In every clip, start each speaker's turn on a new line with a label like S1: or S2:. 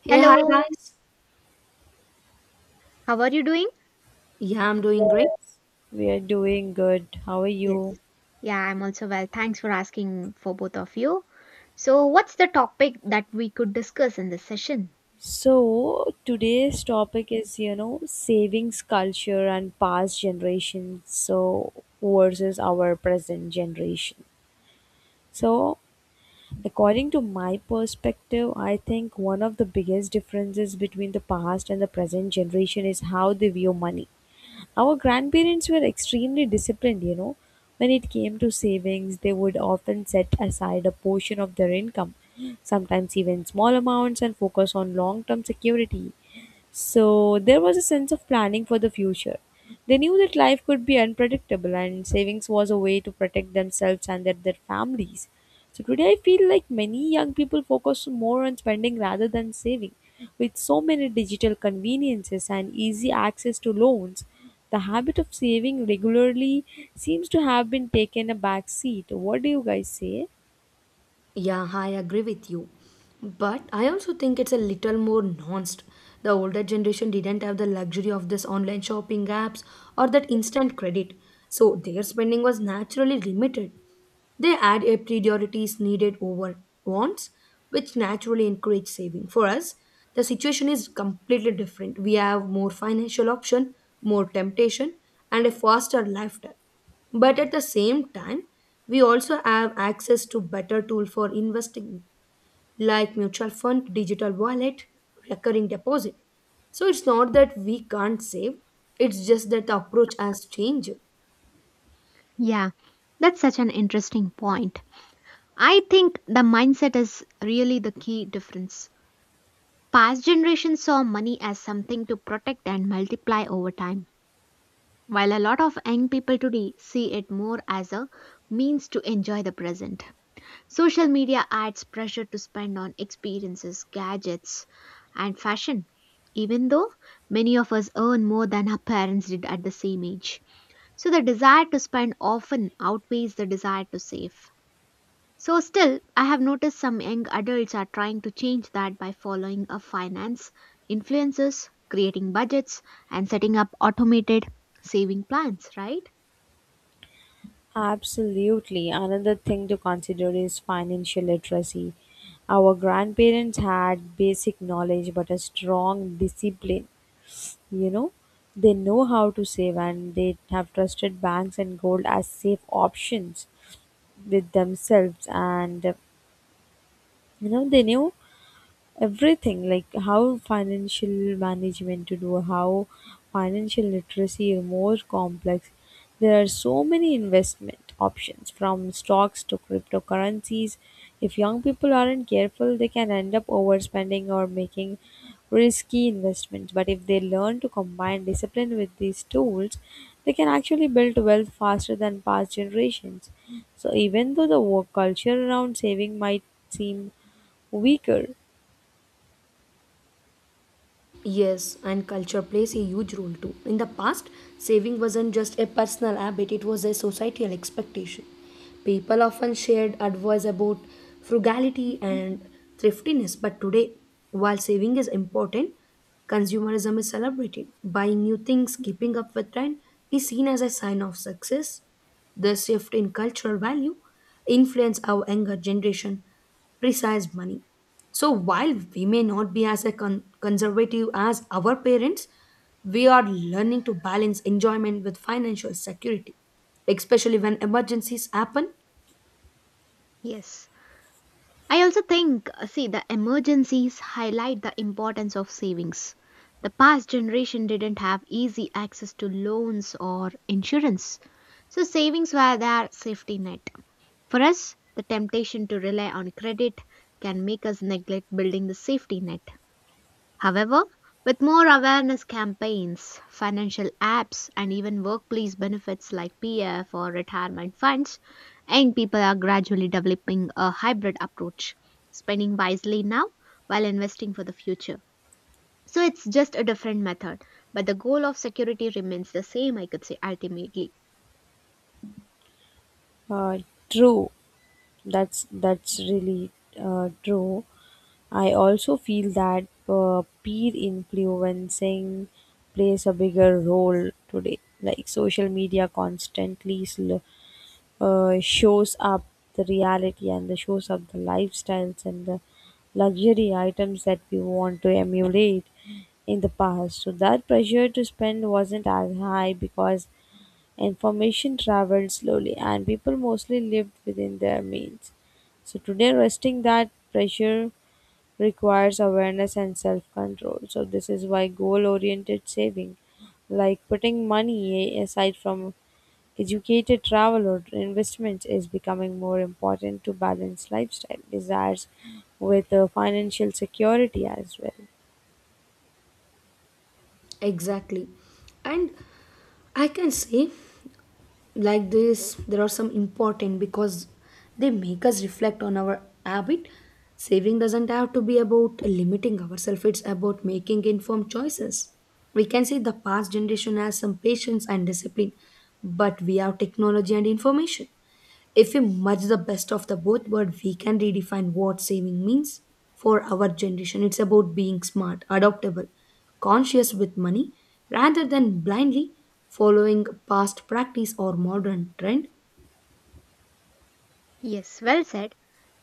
S1: Hey, hi
S2: Hello,
S1: guys.
S2: how are you doing?
S1: Yeah, I'm doing great.
S3: Yes, we are doing good. How are
S2: Yes.
S3: you?
S2: Yeah, I'm also well. Thanks for asking for both of you. So, what's the topic that we could discuss in this session?
S3: So, today's topic is, you know, savings culture and past generations, so versus our present generation. So, according to my perspective, I think one of the biggest differences between the past and the present generation is how they view money. Our grandparents were extremely disciplined, you know. When it came to savings, they would often set aside a portion of their income, sometimes even small amounts, and focus on long term security. So there was a sense of planning for the future. They knew that life could be unpredictable and savings was a way to protect themselves and their families. So today I feel like many young people focus more on spending rather than saving. With so many digital conveniences and easy access to loans, the habit of saving regularly seems to have been taken a back seat. What do you guys say?
S1: Yeah, I agree with you, but I also think it's a little more nuanced. The older generation didn't have the luxury of this online shopping apps or that instant credit, so their spending was naturally limited. They had a priorities needed over wants, which naturally encourage saving. For us, the situation is completely different. We have more financial option, more temptation, and a faster lifestyle. But at the same time, we also have access to better tool for investing like mutual fund, digital wallet, recurring deposit. So it's not that we can't save, it's just that the approach has changed.
S2: Yeah, that's such an interesting point. I think the mindset is really the key difference. Past generations saw money as something to protect and multiply over time, while a lot of young people today see it more as a means to enjoy the present. Social media adds pressure to spend on experiences, gadgets, and fashion, even though many of us earn more than our parents did at the same age. So the desire to spend often outweighs the desire to save. So still, I have noticed some young adults are trying to change that by following a finance, influences, creating budgets, and setting up automated saving plans, right?
S3: Absolutely. Another thing to consider is financial literacy. Our grandparents had basic knowledge but a strong discipline. You know, they know how to save and they have trusted banks and gold as safe options with themselves. And you know, they knew everything like how financial management to do how financial literacy is more complex. There are so many investment options from stocks to cryptocurrencies. If young people aren't careful, they can end up overspending or making risky investments, but if they learn to combine discipline with these tools, they can actually build wealth faster than past generations. So even though the work culture around saving might seem weaker.
S1: Yes, and culture plays a huge role too. In the past, saving wasn't just a personal habit, it was a societal expectation. People often shared advice about frugality and thriftiness, but today, while saving is important, consumerism is celebrated. Buying new things, keeping up with trend is seen as a sign of success. The shift in cultural value influence our younger generation precise money. So while we may not be as a conservative as our parents, we are learning to balance enjoyment with financial security, especially when emergencies happen.
S2: Yes. I also think, see, the emergencies highlight the importance of savings. The past generation didn't have easy access to loans or insurance, so savings were their safety net. For us, the temptation to rely on credit can make us neglect building the safety net. However, with more awareness campaigns, financial apps, and even workplace benefits like PF or retirement funds, young people are gradually developing a hybrid approach, spending wisely now while investing for the future. So it's just a different method, but the goal of security remains the same, I could say, ultimately.
S3: Uh, true. That's really true. I also feel that peer influencing plays a bigger role today. Like social media constantly shows up the reality and the shows up the lifestyles and the luxury items that we want to emulate in the past. So that pressure to spend wasn't as high because information traveled slowly, and people mostly lived within their means. So, today, resting that pressure requires awareness and self control. So, this is why goal oriented saving, like putting money aside from educated travel or investments, is becoming more important to balance lifestyle desires with financial security as well.
S1: Exactly. And I can say like this there are some important because they make us reflect on our habit. Saving doesn't have to be about limiting ourselves, it's about making informed choices. We can say the past generation has some patience and discipline, but we have technology and information. If we merge the best of the both world, we can redefine what saving means for our generation. It's about being smart, adaptable, conscious with money, rather than blindly following past practice or modern trend.
S2: Yes, well said.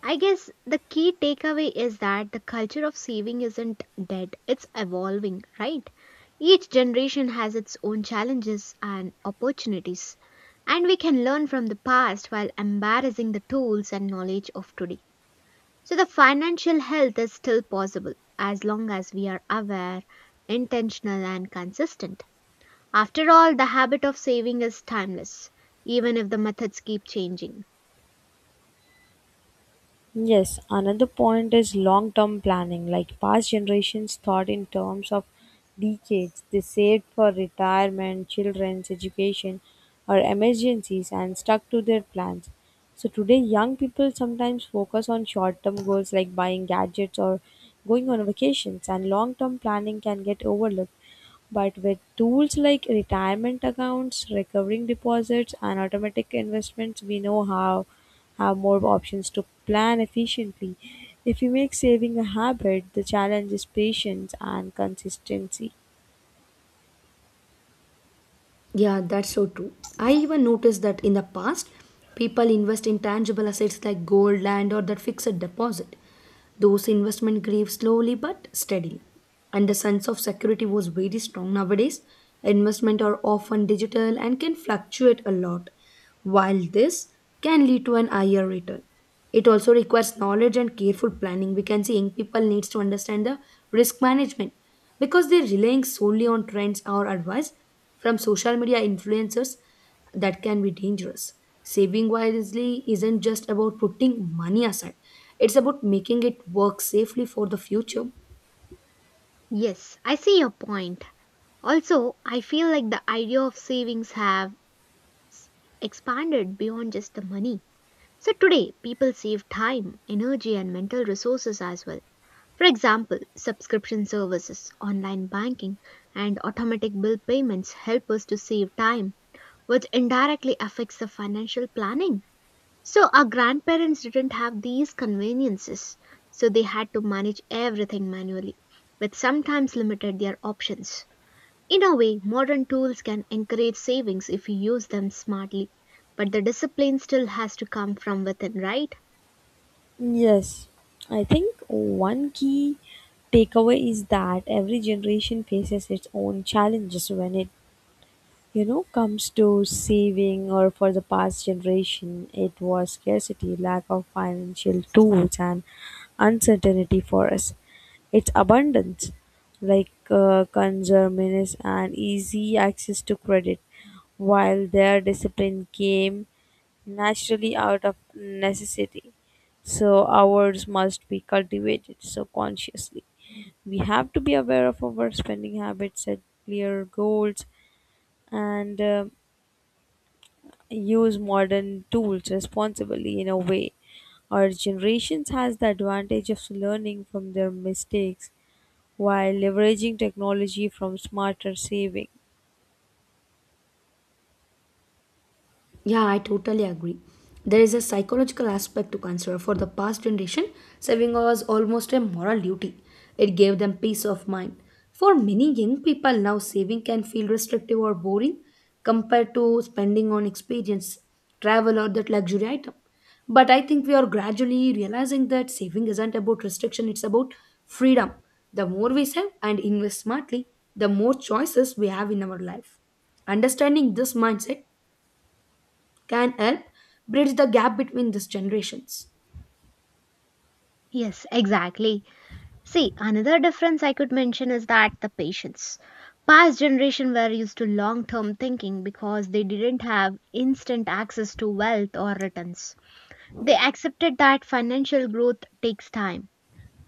S2: I guess the key takeaway is that the culture of saving isn't dead, it's evolving, right? Each generation has its own challenges and opportunities, and we can learn from the past while embracing the tools and knowledge of today. So the financial health is still possible as long as we are aware, intentional, and consistent. After all, the habit of saving is timeless, even if the methods keep changing.
S3: Yes, another point is long term planning. Like past generations thought in terms of decades, they saved for retirement, children's education, or emergencies and stuck to their plans. So today, young people sometimes focus on short term goals like buying gadgets or going on vacations, and long term planning can get overlooked. But with tools like retirement accounts, recurring deposits, and automatic investments, we know how have more options to plan efficiently. If you make saving a habit, the challenge is patience and consistency.
S1: Yeah, that's so true. I even noticed that in the past, people invest in tangible assets like gold, land, or that fixed deposit. Those investment grew slowly but steadily, and the sense of security was very strong nowadays. Investment are often digital and can fluctuate a lot, while this can lead to an higher return. It also requires knowledge and careful planning. We can see young people needs to understand the risk management because they're relying solely on trends or advice from social media influencers that can be dangerous. Saving wisely isn't just about putting money aside. It's about making it work safely for the future.
S2: Yes, I see your point. Also, I feel like the idea of savings have s- expanded beyond just the money. So today, people save time, energy, and mental resources as well. For example, subscription services, online banking, and automatic bill payments help us to save time, which indirectly affects the financial planning. So our grandparents didn't have these conveniences, so they had to manage everything manually, which sometimes limited their options. In a way, modern tools can encourage savings if you use them smartly, but the discipline still has to come from within, right?
S3: Yes, I think one key takeaway is that every generation faces its own challenges when it, you know, comes to saving. Or for the past generation, it was scarcity, lack of financial tools and uncertainty. For us, it's abundance, like consumerism and easy access to credit. While their discipline came naturally out of necessity, so ours must be cultivated so consciously. We have to be aware of our spending habits, set clear goals, and use modern tools responsibly in a way. Our generations has the advantage of learning from their mistakes while leveraging technology from smarter saving.
S1: Yeah, I totally agree. There is a psychological aspect to cancer. For the past generation, saving was almost a moral duty. It gave them peace of mind. For many young people now, saving can feel restrictive or boring compared to spending on experience, travel, or that luxury item. But I think we are gradually realizing that saving isn't about restriction, it's about freedom. The more we save and invest smartly, the more choices we have in our life. Understanding this mindset can help bridge the gap between these generations.
S2: Yes, exactly. See, another difference I could mention is that the patience. Past generation were used to long-term thinking because they didn't have instant access to wealth or returns. They accepted that financial growth takes time.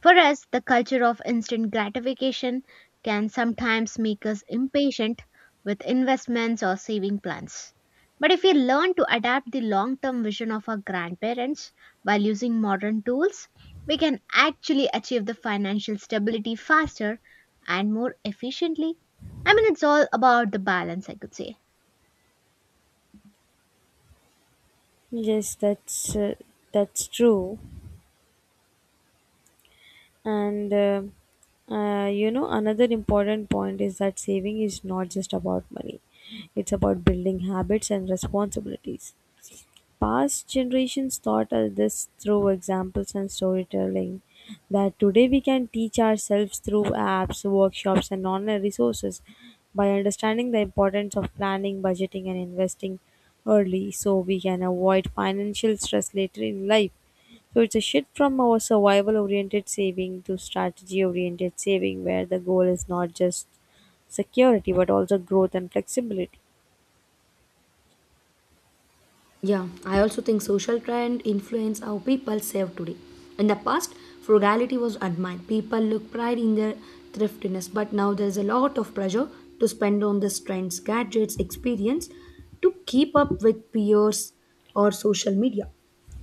S2: For us, the culture of instant gratification can sometimes make us impatient with investments or saving plans. But if we learn to adapt the long term vision of our grandparents while using modern tools, we can actually achieve the financial stability faster and more efficiently. I mean, it's all about the balance, I could say.
S3: Yes, that's true. And you know, another important point is that saving is not just about money; it's about building habits and responsibilities. Past generations taught us this through examples and storytelling that today we can teach ourselves through apps, workshops, and online resources by understanding the importance of planning, budgeting, and investing early, so we can avoid financial stress later in life. So it's a shift from our survival oriented saving to strategy oriented saving, where the goal is not just security but also growth and flexibility.
S1: Yeah, I also think social trend influence how people save today. In the past, frugality was admired. People look pride in their thriftiness, but now there's a lot of pressure to spend on these trends, gadgets, experience to keep up with peers or social media.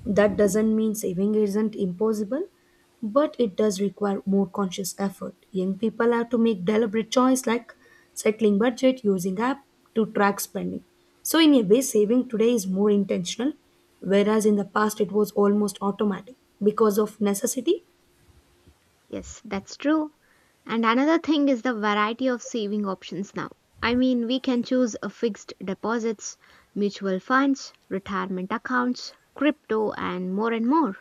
S1: That doesn't mean saving isn't impossible, but it does require more conscious effort. Young people have to make deliberate choice like cycling budget, using app to track spending. So in a way, saving today is more intentional, whereas in the past it was almost automatic because of necessity.
S2: Yes, that's true. And another thing is the variety of saving options now. I mean, we can choose a fixed deposits, mutual funds, retirement accounts, crypto, and more and more.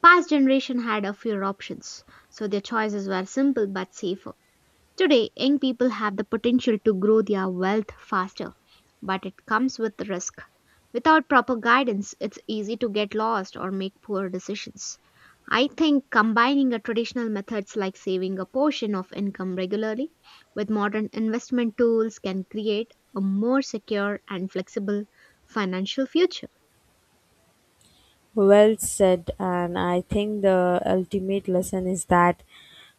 S2: Past generation had a fewer options, so their choices were simple but safer. Today, young people have the potential to grow their wealth faster, but it comes with risk. Without proper guidance, it's easy to get lost or make poor decisions. I think combining a traditional methods like saving a portion of income regularly with modern investment tools can create a more secure and flexible financial future.
S3: Well said, and I think the ultimate lesson is that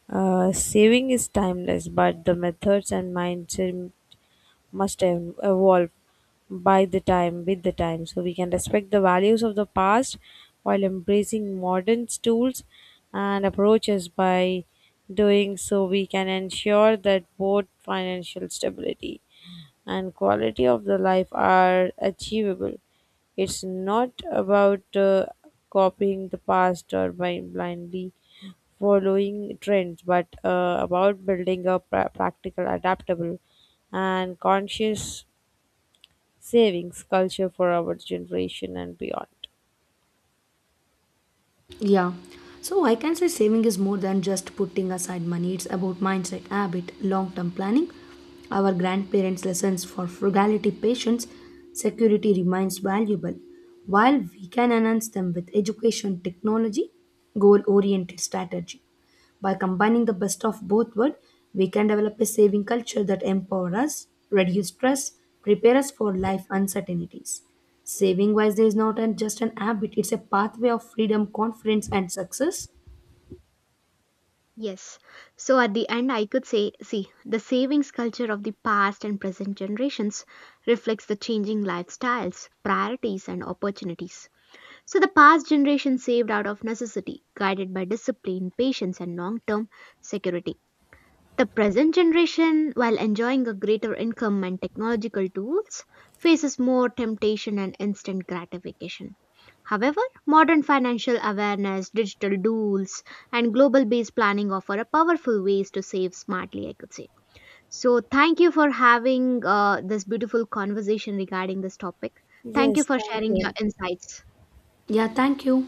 S3: saving is timeless, but the methods and mindset must evolve by the time with the time. So we can respect the values of the past while embracing modern tools and approaches. By doing so, we can ensure that both financial stability and quality of the life are achievable. It's not about copying the past or by blindly following trends, but about building a practical, adaptable, and conscious savings culture for our generation and beyond.
S1: Yeah. So I can say saving is more than just putting aside money. It's about mindset, habit, long-term planning. Our grandparents' lessons for frugality, patience, security remains valuable. While we can enhance them with education, technology, goal-oriented strategy. By combining the best of both worlds, we can develop a saving culture that empowers us, reduce stress, prepare us for life uncertainties. Saving Wisely is not just an habit, it's a pathway of freedom, confidence, and success.
S2: Yes. So at the end, I could say see, the savings culture of the past and present generations reflects the changing lifestyles, priorities, and opportunities. So the past generation saved out of necessity, guided by discipline, patience, and long term security. The present generation, while enjoying a greater income and technological tools, faces more temptation and instant gratification. However, modern financial awareness, digital tools, and global based planning offer a powerful ways to save smartly, I could say. So, thank you for having this beautiful conversation regarding this topic. Thank you
S3: Yes,
S2: for
S3: thank
S2: sharing your
S3: you.
S2: insights.
S1: Yeah, thank you.